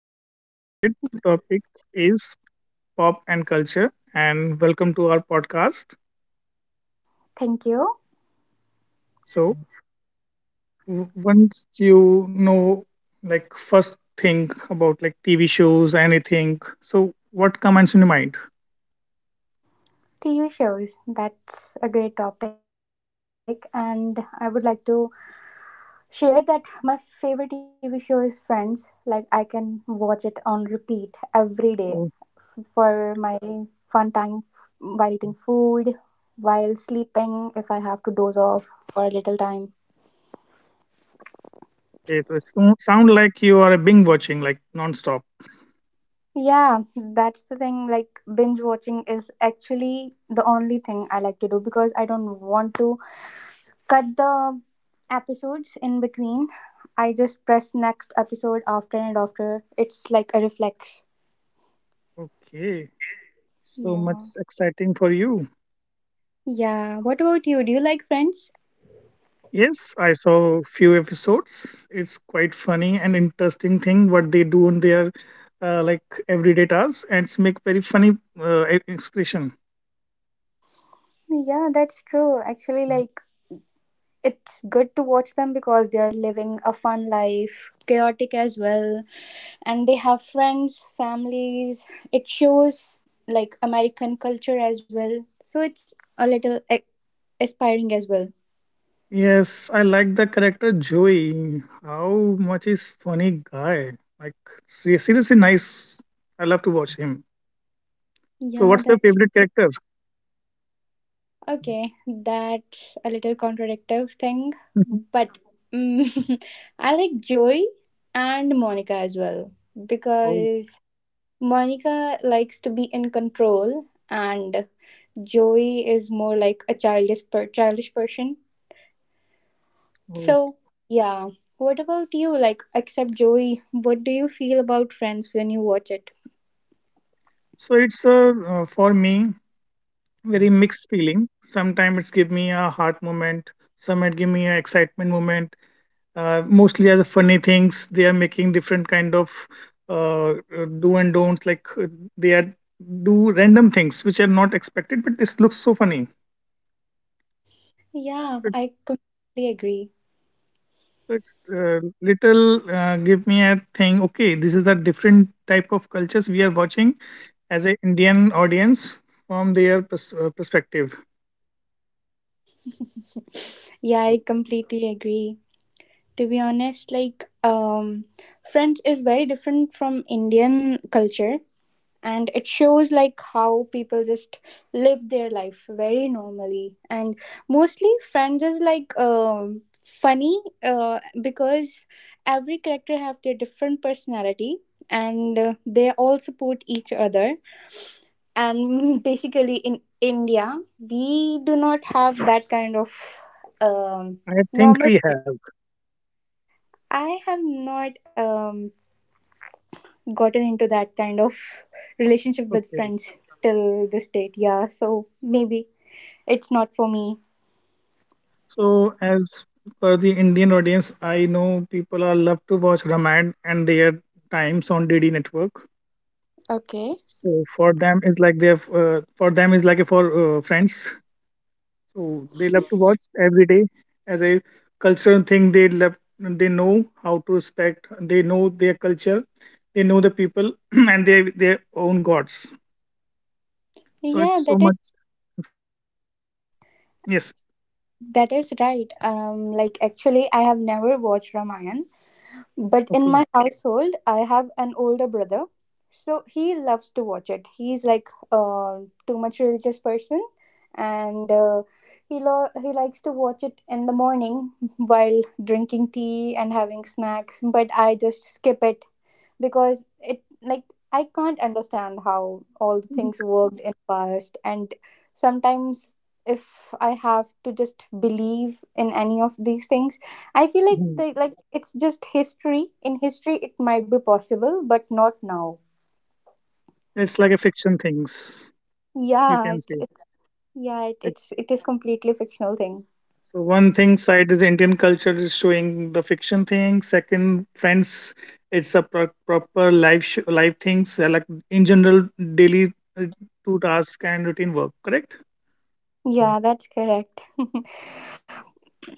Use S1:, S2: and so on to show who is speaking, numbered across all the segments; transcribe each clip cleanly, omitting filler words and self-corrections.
S1: So, today's topic is pop and culture, and welcome to our podcast.
S2: Thank you.
S1: So, once you know, like, first thing about like TV shows, anything, so what comes in your mind?
S2: TV shows, that's a great topic, and I would like to share that my favorite TV show is Friends. Like, I can watch it on repeat every day
S1: Okay,
S2: for my fun time f- while eating food, while sleeping, if I have to doze off for a little time.
S1: so sound like you are a binge watching, like, non-stop.
S2: Yeah, that's the thing. Like, binge watching is actually the only thing I like to do because I don't want to cut the episodes in between. I just press next episode after and after. It's like a reflex.
S1: Okay, so much
S2: Yeah.
S1: exciting for you.
S2: Yeah. What about you? Do you like Friends?
S1: Yes, I saw few episodes. It's quite funny and interesting thing what they do in their like everyday tasks and it's make very funny expression.
S2: Yeah, that's true. Actually, like, it's good to watch them because they are living a fun life, chaotic as well, and they have friends, families. It shows like American culture as well, so it's a little aspiring as well.
S1: Yes, I like the character Joey. How much is funny guy? Like seriously nice. I love to watch him. So
S2: Yeah,
S1: what's your
S2: that's
S1: favorite character?
S2: okay. That's a little contradictive thing, but mm, I like Joey and Monica as well
S1: Oh,
S2: because Monica likes to be in control and Joey is more like a childish person.
S1: oh.
S2: So yeah. What about you? Like except Joey, what do you feel about Friends when you watch it?
S1: So it's for me very mixed feeling. Sometimes it's give me a heart moment. Some it give me a excitement moment mostly as a funny things they are making different kind of uh, do and don'ts like they are do random things which are not expected but this looks so funny.
S2: Yeah,
S1: It's
S2: I completely agree.
S1: it's Little give me a thing, okay, this is the different type of cultures we are watching as an Indian audience from their perspective.
S2: Yeah, I
S1: So
S2: completely agree. To be honest, like Friends is very different from Indian culture, and it shows like how people just live their life very normally. And mostly Friends is like funny, because every character have their different personality, and they all support each other. And basically in India we do not have that kind of um
S1: I think
S2: normal.
S1: we have
S2: I have not gotten into that kind of relationship with
S1: okay.
S2: friends till this date. Yeah, so maybe it's not for me.
S1: So, as per the Indian audience, I know people are love to watch Ramayana and their times on DD network.
S2: Okay.
S1: So for them is like their for them is like a for friends. So they love to watch every day as a cultural thing. They love they know how to respect. They know their culture. They know the people and their own gods. So
S2: Yeah,
S1: it's so
S2: that is
S1: much informative. Yes.
S2: that is right. Like actually, I have never watched Ramayan, but
S1: Okay.
S2: in my household, I have an older brother, so he loves to watch it. He's like too much religious person, and he likes to watch it in the morning while drinking tea and having snacks. But I just skip it because it like I can't understand how all the things worked in past, and sometimes if I have to just believe in any of these things, I feel like
S1: Mhm.
S2: they like it's just history. In history it might be possible, but not now.
S1: It's like a fiction things you
S2: Yeah,
S1: can
S2: it's
S1: say.
S2: it's yeah, it,
S1: It's.
S2: it's it is completely fictional thing.
S1: So one thing side is Indian culture is showing the fiction thing. Second, friends, it's a proper life life things like in general daily uh, to task and routine work. Correct.
S2: Yeah, that's correct.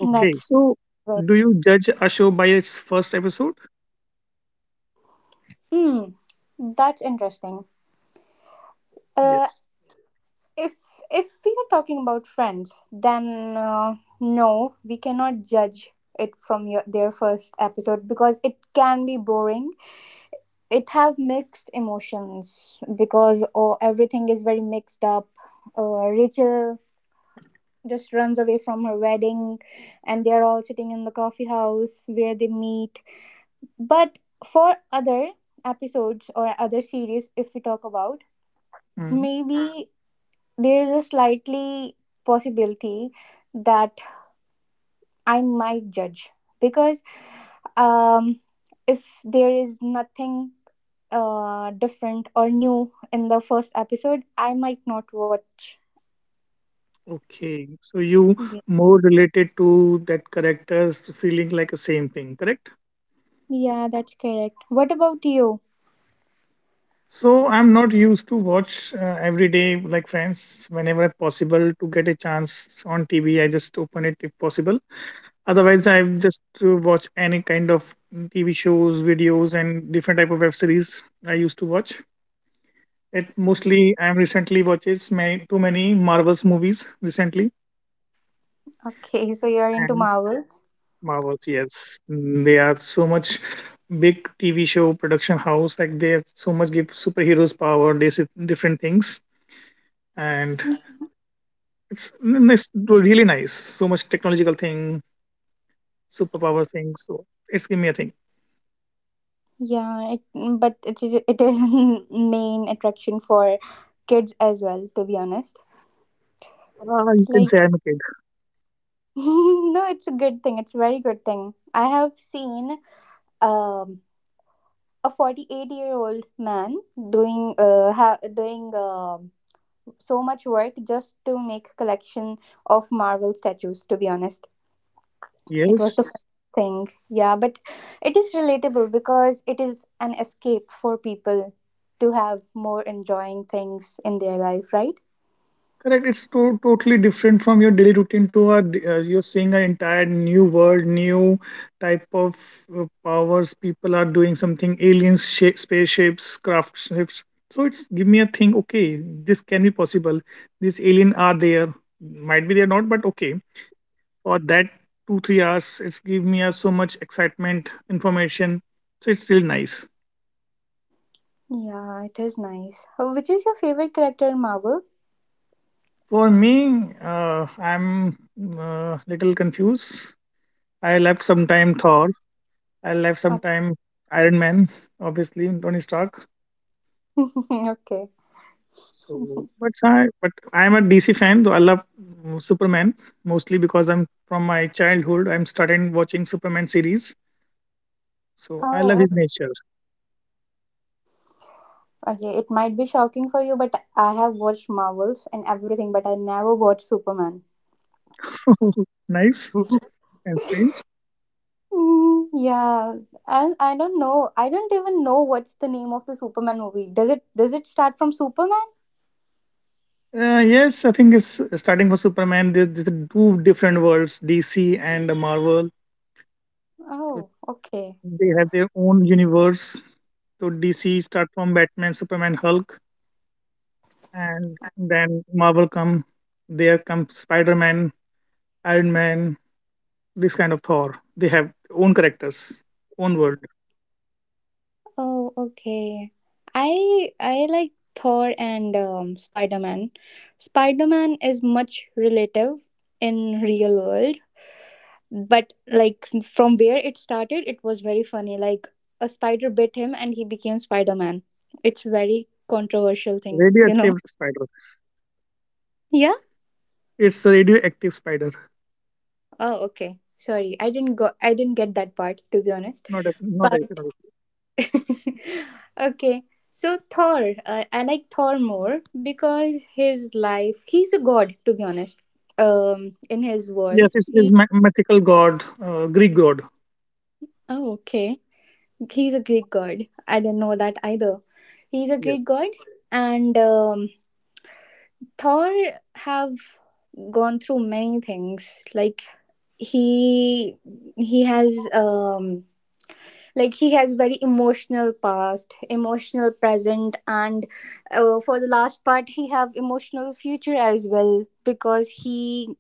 S2: That's
S1: So
S2: right.
S1: do you judge a show by its first episode?
S2: Hmm. That's interesting. Uh,
S1: Yes.
S2: if if we are talking about Friends, then no, we cannot judge it from their first episode because it can be boring. It have mixed emotions because, oh, everything is very mixed up. Rachel just runs away from her wedding, and they're all sitting in the coffee house where they meet. But for other episodes or other series, if we talk about,
S1: Mm,
S2: maybe there is a slightly possibility that I might judge because, um, if there is nothing different or new in the first episode, I might not watch.
S1: okay. So you
S2: Yeah,
S1: more related to that character's feeling like a same thing. Correct.
S2: yeah, that's correct. What about you?
S1: So I'm not used to watch every day like Friends. Whenever possible to get a chance on TV, I just open it if possible. Otherwise, I just watch any kind of TV shows, videos, and different type of web series. I used to watch it mostly. I'm recently watches many, too many Marvels movies recently
S2: Okay, so you're into
S1: and
S2: Marvels.
S1: Marvels. Yes, mm, they are so much big TV show production house. Like they so much give superheroes power. They see different things and it's really nice. So much technological thing, superpower thing. So it's give me a thing.
S2: Yeah, but it is main attraction for kids as well. To be honest,
S1: Ah, you can say
S2: like
S1: I'm a kid.
S2: no, it's a good thing. It's a very good thing. I have seen um, a 48-year-old man doing so much work just to make collection of Marvel statues, to be honest. It was the first
S1: Yes,
S2: thing, yeah, but it is relatable because it is an escape for people to have more enjoying things in their life, right?
S1: correct. It's totally different from your daily routine to you're seeing an entire new world, new type of powers. People are doing something, aliens, shape, spaceships, craft ships. So it's give me a thing. Okay, this can be possible. These alien are there. Might be they're not, but okay. For that two three hours it's give me a so much excitement information, so it's still nice.
S2: Yeah, it is nice. Which is your favorite character in Marvel?
S1: For me I'm little confused. I left some time Thor, I left some
S2: Okay.
S1: time Iron Man, obviously Tony Stark.
S2: Okay.
S1: So but I'm a DC fan though. I love Superman mostly because I'm from my childhood I'm started watching Superman series, so I love
S2: Oh.
S1: his nature.
S2: Okay, it might be shocking for you, but I have watched Marvels and everything, but I never watched Superman.
S1: Nice and strange.
S2: Mm, yeah, and I don't know. I don't even know what's the name of the Superman movie. Does it start from Superman?
S1: Yes, I think it's starting for Superman. There's two different worlds, DC and Marvel. So
S2: Oh, okay.
S1: they have their own universe. So DC start from Batman, Superman, Hulk, and then Marvel come. There come Spider Man, Iron Man, this kind of Thor. They have own characters, own world.
S2: Oh, okay. I like Thor and Spider Man. Spider Man is much relative in real world, but like from where it started it was very funny, like a spider bit him and he became Spider-Man. It's very controversial thing.
S1: Radioactive spider.
S2: Yeah.
S1: It's a radioactive spider.
S2: Oh, okay. Sorry, I didn't get that part, to be honest,
S1: Not a not a.
S2: but
S1: not a-
S2: okay. So Thor, I like Thor more because his life, he's a god, to be honest. In his world,
S1: Yes, it's,
S2: he
S1: mythical god, Greek god.
S2: oh, okay. He's a Greek god. I didn't know that either. He's a Greek
S1: Yes,
S2: god. And Thor have gone through many things. Like he he has very emotional past, emotional present, and for the last part he have emotional future as well because he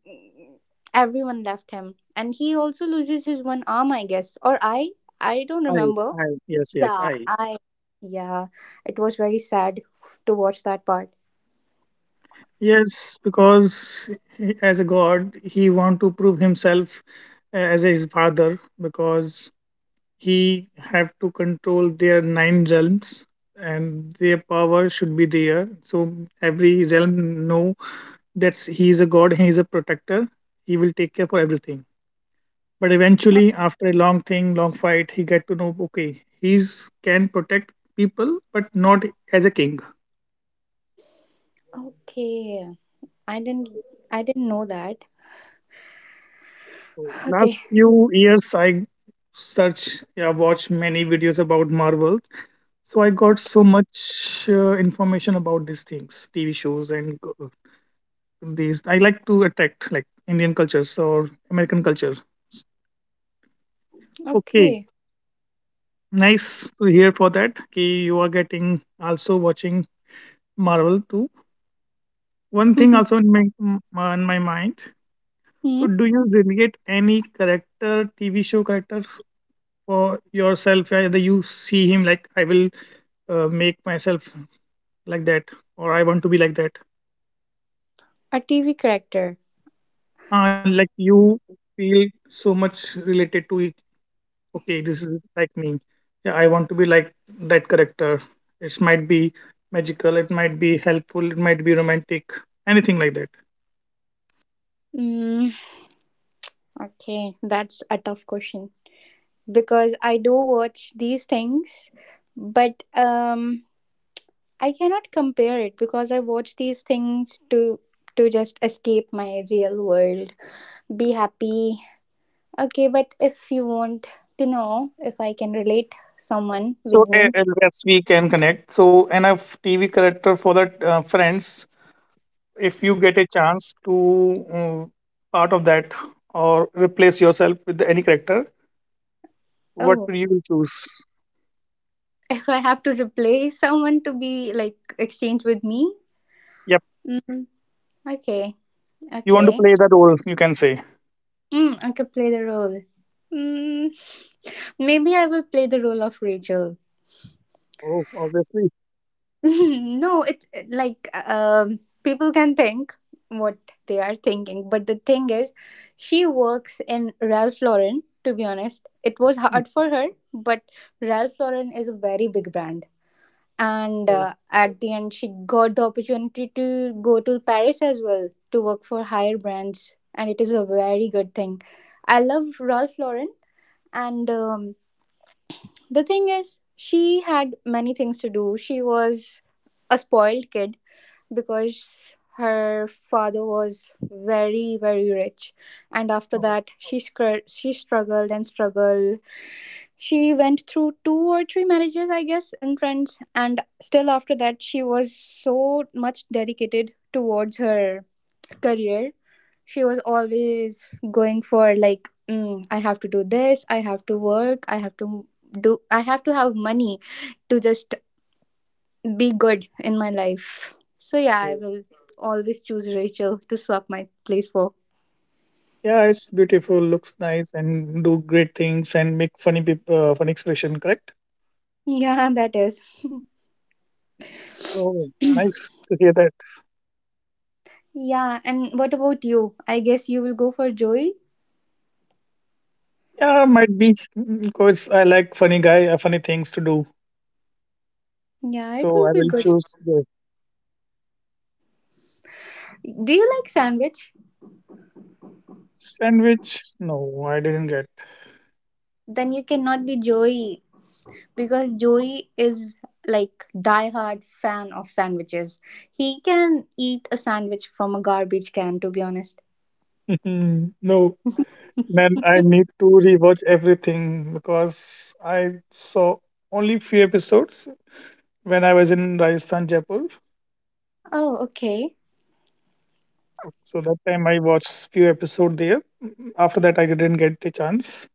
S2: everyone left him, and he also loses his one arm, I guess, or I don't remember.
S1: I. Yes, yes,
S2: Yeah,
S1: I.
S2: I yeah, it was very sad to watch that part.
S1: Yes, because he, as a god, he want to prove himself as his father because he have to control their nine realms and their power should be there. So every realm know that he is a god, he is a protector. He will take care for everything. But eventually, after a long thing, long fight, he get to know okay, he's can protect people, but not as a king.
S2: Okay. I didn't I didn't know that. Okay.
S1: Last few years, I search, yeah, watch many videos about Marvel. So I got so much information about these things, TV shows, and these. I like to attract like Indian cultures or American culture. Okay,
S2: Okay.
S1: nice to hear for that. Okay, you are getting also watching Marvel too. One thing
S2: Hmm?
S1: also in my mind. So, do you relate any character, TV show character for yourself, yeah, either you see him like I will make myself like that or I want to be like that,
S2: A TV character.
S1: like you feel so much related to it, okay this is like me, yeah I want to be like that character. It might be magical, it might be helpful, it might be romantic, anything like that.
S2: Mm, okay, that's a tough question because I do watch these things, but I cannot compare it because I watch these things to just escape my real world, be happy. Okay, but if you want to know if I can relate someone with
S1: So
S2: me.
S1: yes we can connect so enough TV character for that friends. If you get a chance to part of that or replace yourself with any character, what
S2: Oh.
S1: will you choose?
S2: If I have to replace someone to be like exchange with me,
S1: Yep,
S2: mm, okay,
S1: you want to
S2: okay,
S1: play that role, you can say.
S2: I could play the role. Mm, Maybe I will play the role of Rachel.
S1: Oh, obviously.
S2: No, it's like people can think what they are thinking, but the thing is, she works in Ralph Lauren. To be honest, it was hard
S1: Okay.
S2: for her, but Ralph Lauren is a very big brand, and at the end she got the opportunity to go to Paris as well, to work for higher brands, and it is a very good thing. I love Ralph Lauren. And the thing is, she had many things to do. She was a spoiled kid because her father was very very rich. And after that she struggled and struggled. She went through two or three marriages, I guess, and friends. And still after that she was so much dedicated towards her career. She was always going for like, I have to do this, I have to work, I have to do, I have to have money to just be good in my life. So yeah, I
S1: Okay.
S2: will always choose Rachel to swap my place for.
S1: Yeah, it's beautiful, looks nice, and do great things and make funny expression, correct?
S2: Yeah, that is.
S1: Oh, nice to hear that.
S2: Yeah, and what about you? I guess you will go for Joey.
S1: Yeah, might be because I like funny guy, funny things to do.
S2: Yeah, it
S1: So
S2: will
S1: I
S2: be
S1: will
S2: good.
S1: choose the
S2: Do you like sandwich?
S1: sandwich. No, I didn't get.
S2: Then you cannot be Joey because Joey is like diehard fan of sandwiches. He can eat a sandwich from a garbage can, to be honest.
S1: No, then I need to rewatch everything because I saw only few episodes when I was in Rajasthan, Jaipur.
S2: Oh, okay.
S1: So that time I watched few episodes there. After that, I didn't get the chance.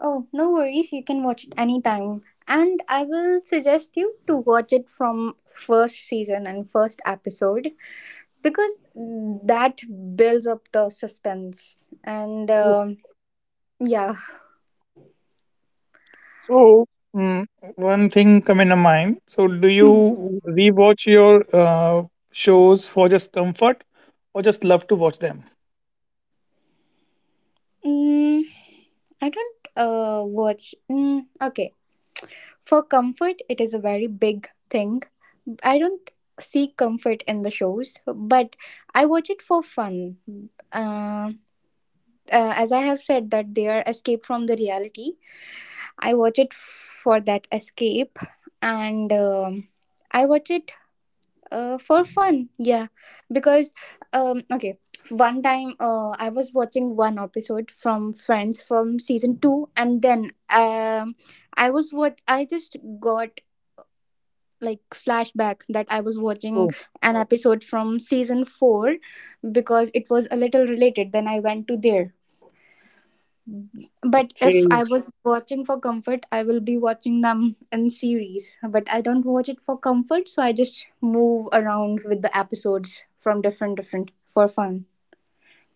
S2: Oh, no worries. You can watch it anytime. And I will suggest you to watch it from first season and first episode because that builds up the suspense. And yeah.
S1: So mm, one thing come in mind. So do
S2: Hmm.
S1: you rewatch your shows for just comfort or just love to watch them?
S2: Mm, I don't watch. Mm, okay. For comfort, it is a very big thing. I don't seek comfort in the shows, but I watch it for fun. Uh, uh, as I have said, that they are escape from the reality, I watch it for that escape, and I watch it for fun. Yeah, because okay, one time I was watching one episode from Friends from season 2, and then I was what I just got, like, flashback that I was watching
S1: Oh,
S2: an episode from season 4 because it was a little related. Then I went to there, but
S1: okay.
S2: if I was watching for comfort, I will be watching them in series. But I don't watch it for comfort, so I just move around with the episodes from different different for fun.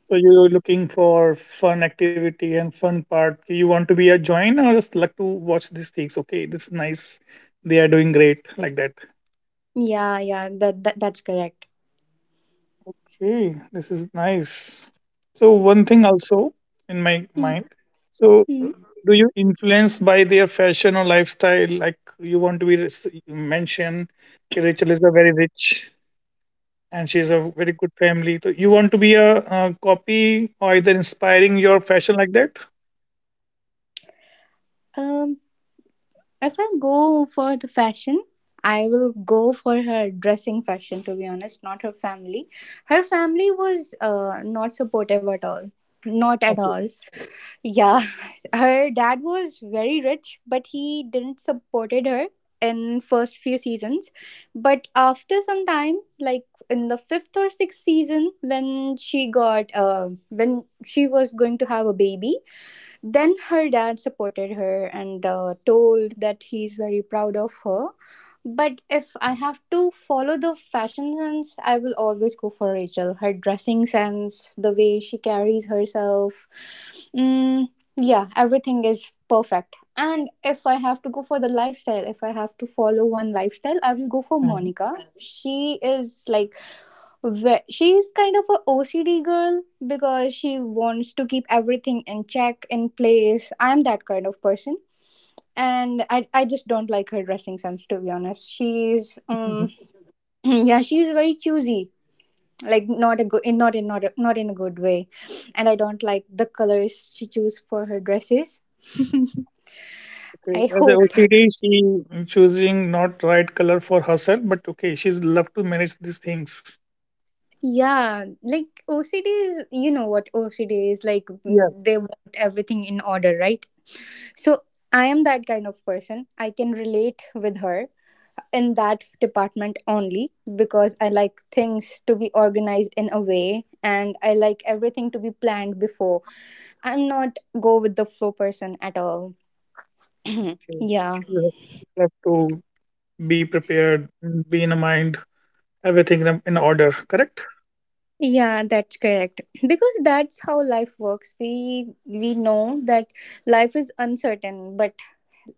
S1: So you're looking for fun activity and fun part. You want to be a join or just like to watch these things. Okay, this is nice. They are doing great like that.
S2: Yeah, yeah, that's correct.
S1: Okay, this is nice. So one thing also in my mind. So
S2: Mhm.
S1: do you influence by their fashion or lifestyle? Like you want to be you mention Rachel is a very rich and she's a very good family. So you want to be a, uh, copy or either inspiring your fashion like that?
S2: Um, if I go for the fashion, I will go for her dressing fashion. To be honest, not her family. Her family was not supportive at all, not at
S1: Okay.
S2: all. Yeah, her dad was very rich, but he didn't supported her in first few seasons. But after some time, like in the fifth or sixth season, when she got when she was going to have a baby, then her dad supported her and told that he's very proud of her. But if I have to follow the fashion sense, I will always go for Rachel. Her dressing sense, the way she carries herself. Mm, yeah, everything is perfect. And if I have to go for the lifestyle, if I have to follow one lifestyle, I will go for
S1: Mhm.
S2: Monica. She is like where she's kind of a OCD girl because she wants to keep everything in check, in place. I'm that kind of person. And I just don't like her dressing sense, to be honest. She's yeah, she's very choosy. Like not a good in not in not in a good way. And I don't like the colors she choose for her dresses.
S1: Okay,
S2: I
S1: as a
S2: hope.
S1: OCD, she choosing not right color for herself, but okay, she's love to manage these things.
S2: Yeah, like OCD is, what OCD is like,
S1: Yeah,
S2: they want everything in order, right? So I am that kind of person. I can relate with her in that department only because I like things to be organized in a way and I like everything to be planned before. I'm not go with the flow person at all.
S1: okay.
S2: Yeah.
S1: You have love to be prepared, be in a mind, everything in order. Correct?
S2: Yeah, that's correct. Because that's how life works. We know that life is uncertain, but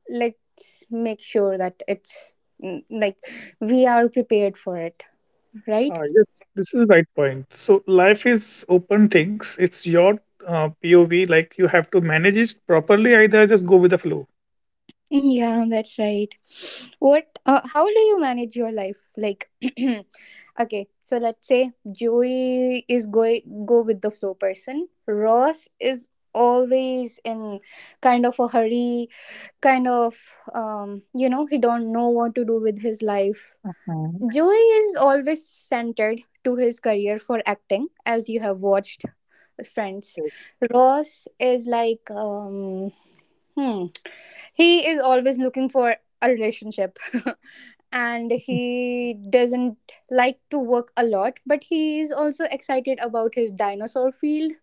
S2: let's make sure that it's like we are prepared for it, right?
S1: Ah, yes, this is right point. So life is open things. It's your POV. Like you have to manage it properly. Either just go with the flow.
S2: Yeah, that's right. What how do you manage your life like? Okay, so let's say Joey is going go with the flow person. Ross is always in kind of a hurry, kind of, you know, he don't know what to do with his life.
S1: Mhm.
S2: Joey is always centered to his career for acting, as you have watched Friends.
S1: Yes.
S2: Ross is like, hmm, he is always looking for a relationship. And he doesn't like to work a lot, but he is also excited about his dinosaur field.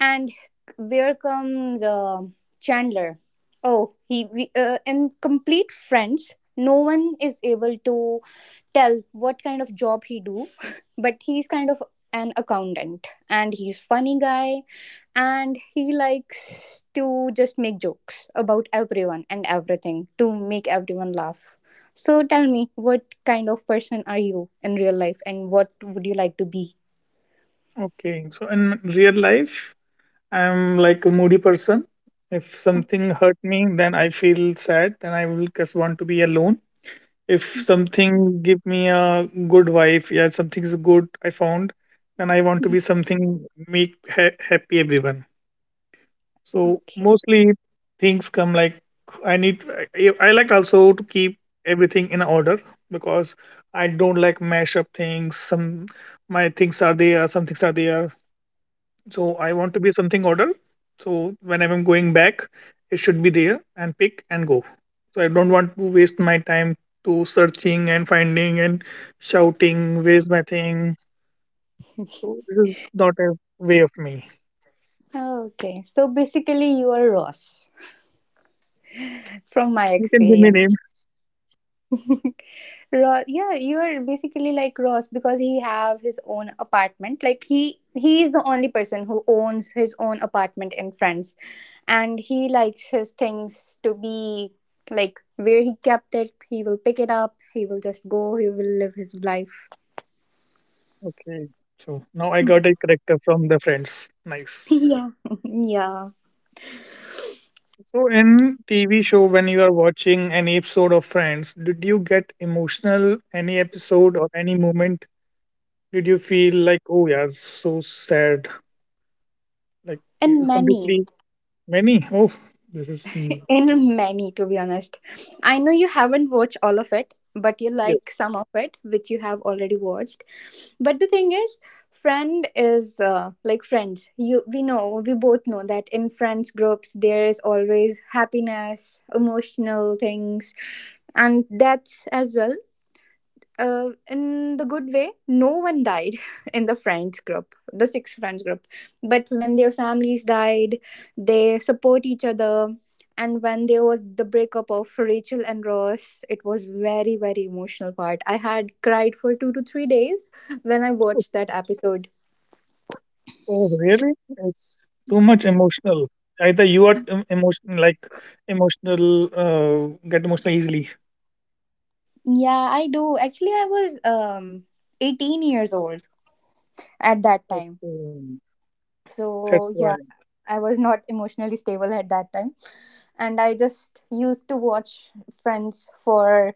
S2: And where comes Chandler? Oh, in complete Friends, no one is able to tell what kind of job he do, but he's kind of an accountant and he's funny guy, and he likes to just make jokes about everyone and everything to make everyone laugh. So tell me, what kind of person are you in real life and what would you like to be?
S1: Okay. So in real life, I'm like a moody person. If something hurt me, then I feel sad. Then I will just want to be alone. If something give me a good wife, yeah, something's good I found, then I want to be something happy everyone. So
S2: Okay.
S1: mostly things come like I need. I like also to keep everything in order because I don't like mash up things. Some my things are there, some things are there so I want to be something order. So when I'm going back, it should be there and pick and go. So I don't want to waste my time to searching and finding and shouting, where's my thing? So this is not a way of me.
S2: Okay, so basically you are Ross from my
S1: You can give me
S2: experience.
S1: names.
S2: Yeah, you're basically like Ross because he have his own apartment. Like he is the only person who owns his own apartment in France, and he likes his things to be like where he kept it. He will pick it up. He will just go. He will live his life.
S1: Okay. So now I got a character from the Friends. Nice.
S2: Yeah, yeah,
S1: So in TV show, when you are watching any episode of Friends, did you get emotional any episode or any moment? Did you feel like, oh yeah, it's so sad, like
S2: and many.
S1: completely many? Oh, this is
S2: In many, to be honest. I know you haven't watched all of it, but you
S1: yes.
S2: like some of it, which you have already watched. But the thing is, Friend is like Friends. You, we know, we both know that in Friends groups there is always happiness, emotional things, and deaths as well, in the good way, no one died in the Friends group, the six friends group. But when their families died, they support each other. And when there was the breakup of Rachel and Ross, it was very very emotional part. I had cried for 2 to 3 days when I
S1: Oh,
S2: watched that episode.
S1: oh, really? It's too much emotional. Either you are emotion like emotional, get emotional easily.
S2: Yeah, I do. Actually, I was 18 years old at that time.
S1: Okay, that's
S2: So
S1: why.
S2: yeah, I was not emotionally stable at that time. And I just used to watch Friends for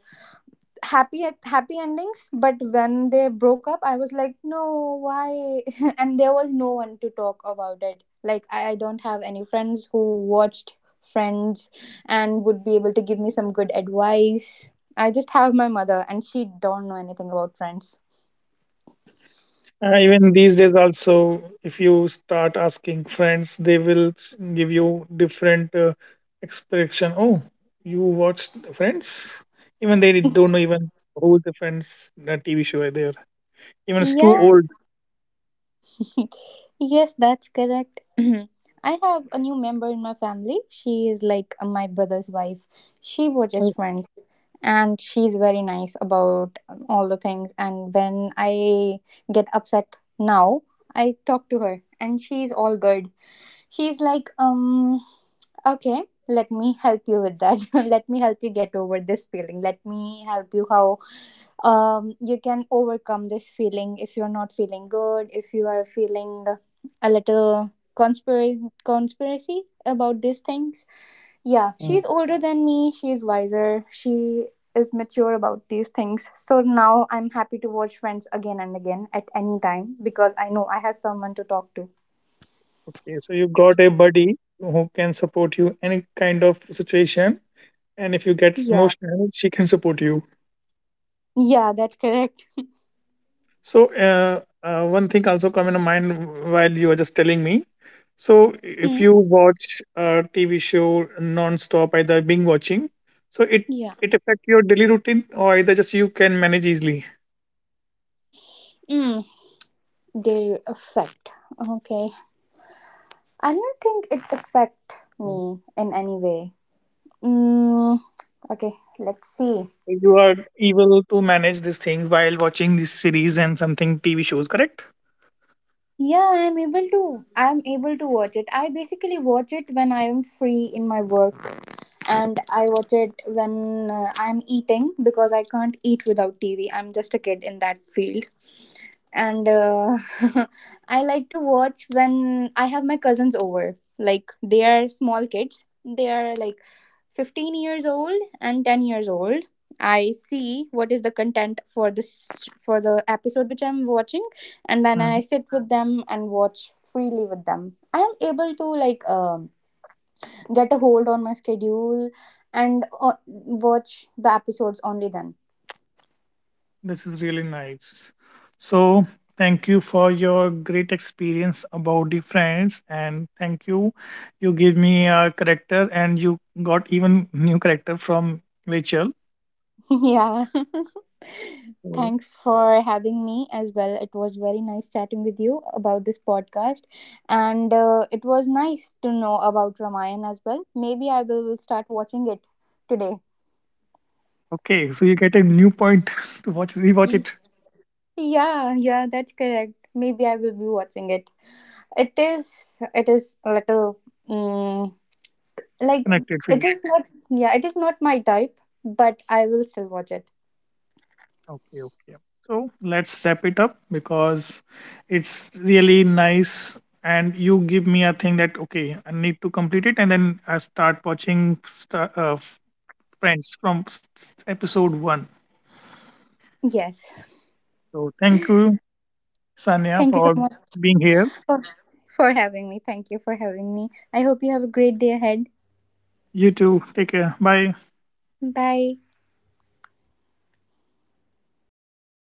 S2: happy endings. But when they broke up, I was like, no, why? And there was no one to talk about it. Like I don't have any friends who watched Friends and would be able to give me some good advice. I just have my mother, and she don't know anything about Friends.
S1: Even these days also if you start asking friends they will give you different expression, oh you watched friends, even they don't know even who's the friends the TV show there, even it's too
S2: Yeah.
S1: old.
S2: Yes, that's correct. I have a new member in my family. She is like my brother's wife. She was
S1: Oh,
S2: just friends and she's very nice about all the things. And when I get upset now, I talk to her and she's all good. She's like, okay, let me help you with that. Let me help you get over this feeling. Let me help you how you can overcome this feeling if you're not feeling good, if you are feeling a little conspiracy about these things. Yeah,
S1: mm.
S2: she's older than me, she's wiser, she is mature about these things, so now I'm happy to watch Friends again and again at any time because I know I have someone to talk to.
S1: Okay so you got a buddy who can support you any kind of situation, and if you get
S2: Yeah,
S1: emotional she can support you.
S2: yeah, that's correct.
S1: So one thing also come in mind while you were just telling me.
S2: Hmm?
S1: So if you watch a TV show non-stop, either being watching, so it
S2: Yeah.
S1: it affect your daily routine, or either just you can manage easily.
S2: Mm. Their effect. Okay, I don't think it affect me in any way. Mm, okay, let's see.
S1: You are able to manage these things while watching these series and something TV shows, correct?
S2: Yeah, I'm able to. I'm able to watch it. I basically watch it when I'm free in my work, and I watch it when I'm eating because I can't eat without TV. I'm just a kid in that field, and I like to watch when I have my cousins over. Like they are small kids. They are like 15 years old and 10 years old. I see what is the content for this, for the episode which I'm watching, and then I sit with them and watch freely with them. I am able to like get a hold on my schedule and watch the episodes only then.
S1: This is really nice. So, thank you for your great experience about the friends, and thank you. You gave me a character, and you got even new character from Rachel.
S2: Yeah.
S1: So,
S2: Thanks for having me as well. It was very nice chatting with you about this podcast. And it was nice to know about Ramayan as well. Maybe I will start watching it today.
S1: okay, so you get a new point to watch, rewatch
S2: Ye-
S1: it,
S2: Yeah, yeah, that's correct. Maybe I will be watching it. It is a little, mm, like,
S1: connected
S2: it
S1: field.
S2: is not, yeah, it is not my type, but I will still watch it.
S1: Okay, okay. So let's wrap it up because it's really nice. And you give me a thing that okay, I need to complete it, and then I start watching friends from episode one.
S2: Yes.
S1: So thank you, Sanya,
S2: Thank you so
S1: for
S2: much
S1: being here.
S2: for, for having me. Thank you for having me. I hope you have a great day ahead.
S1: You too. Take care. Bye.
S2: 拜拜。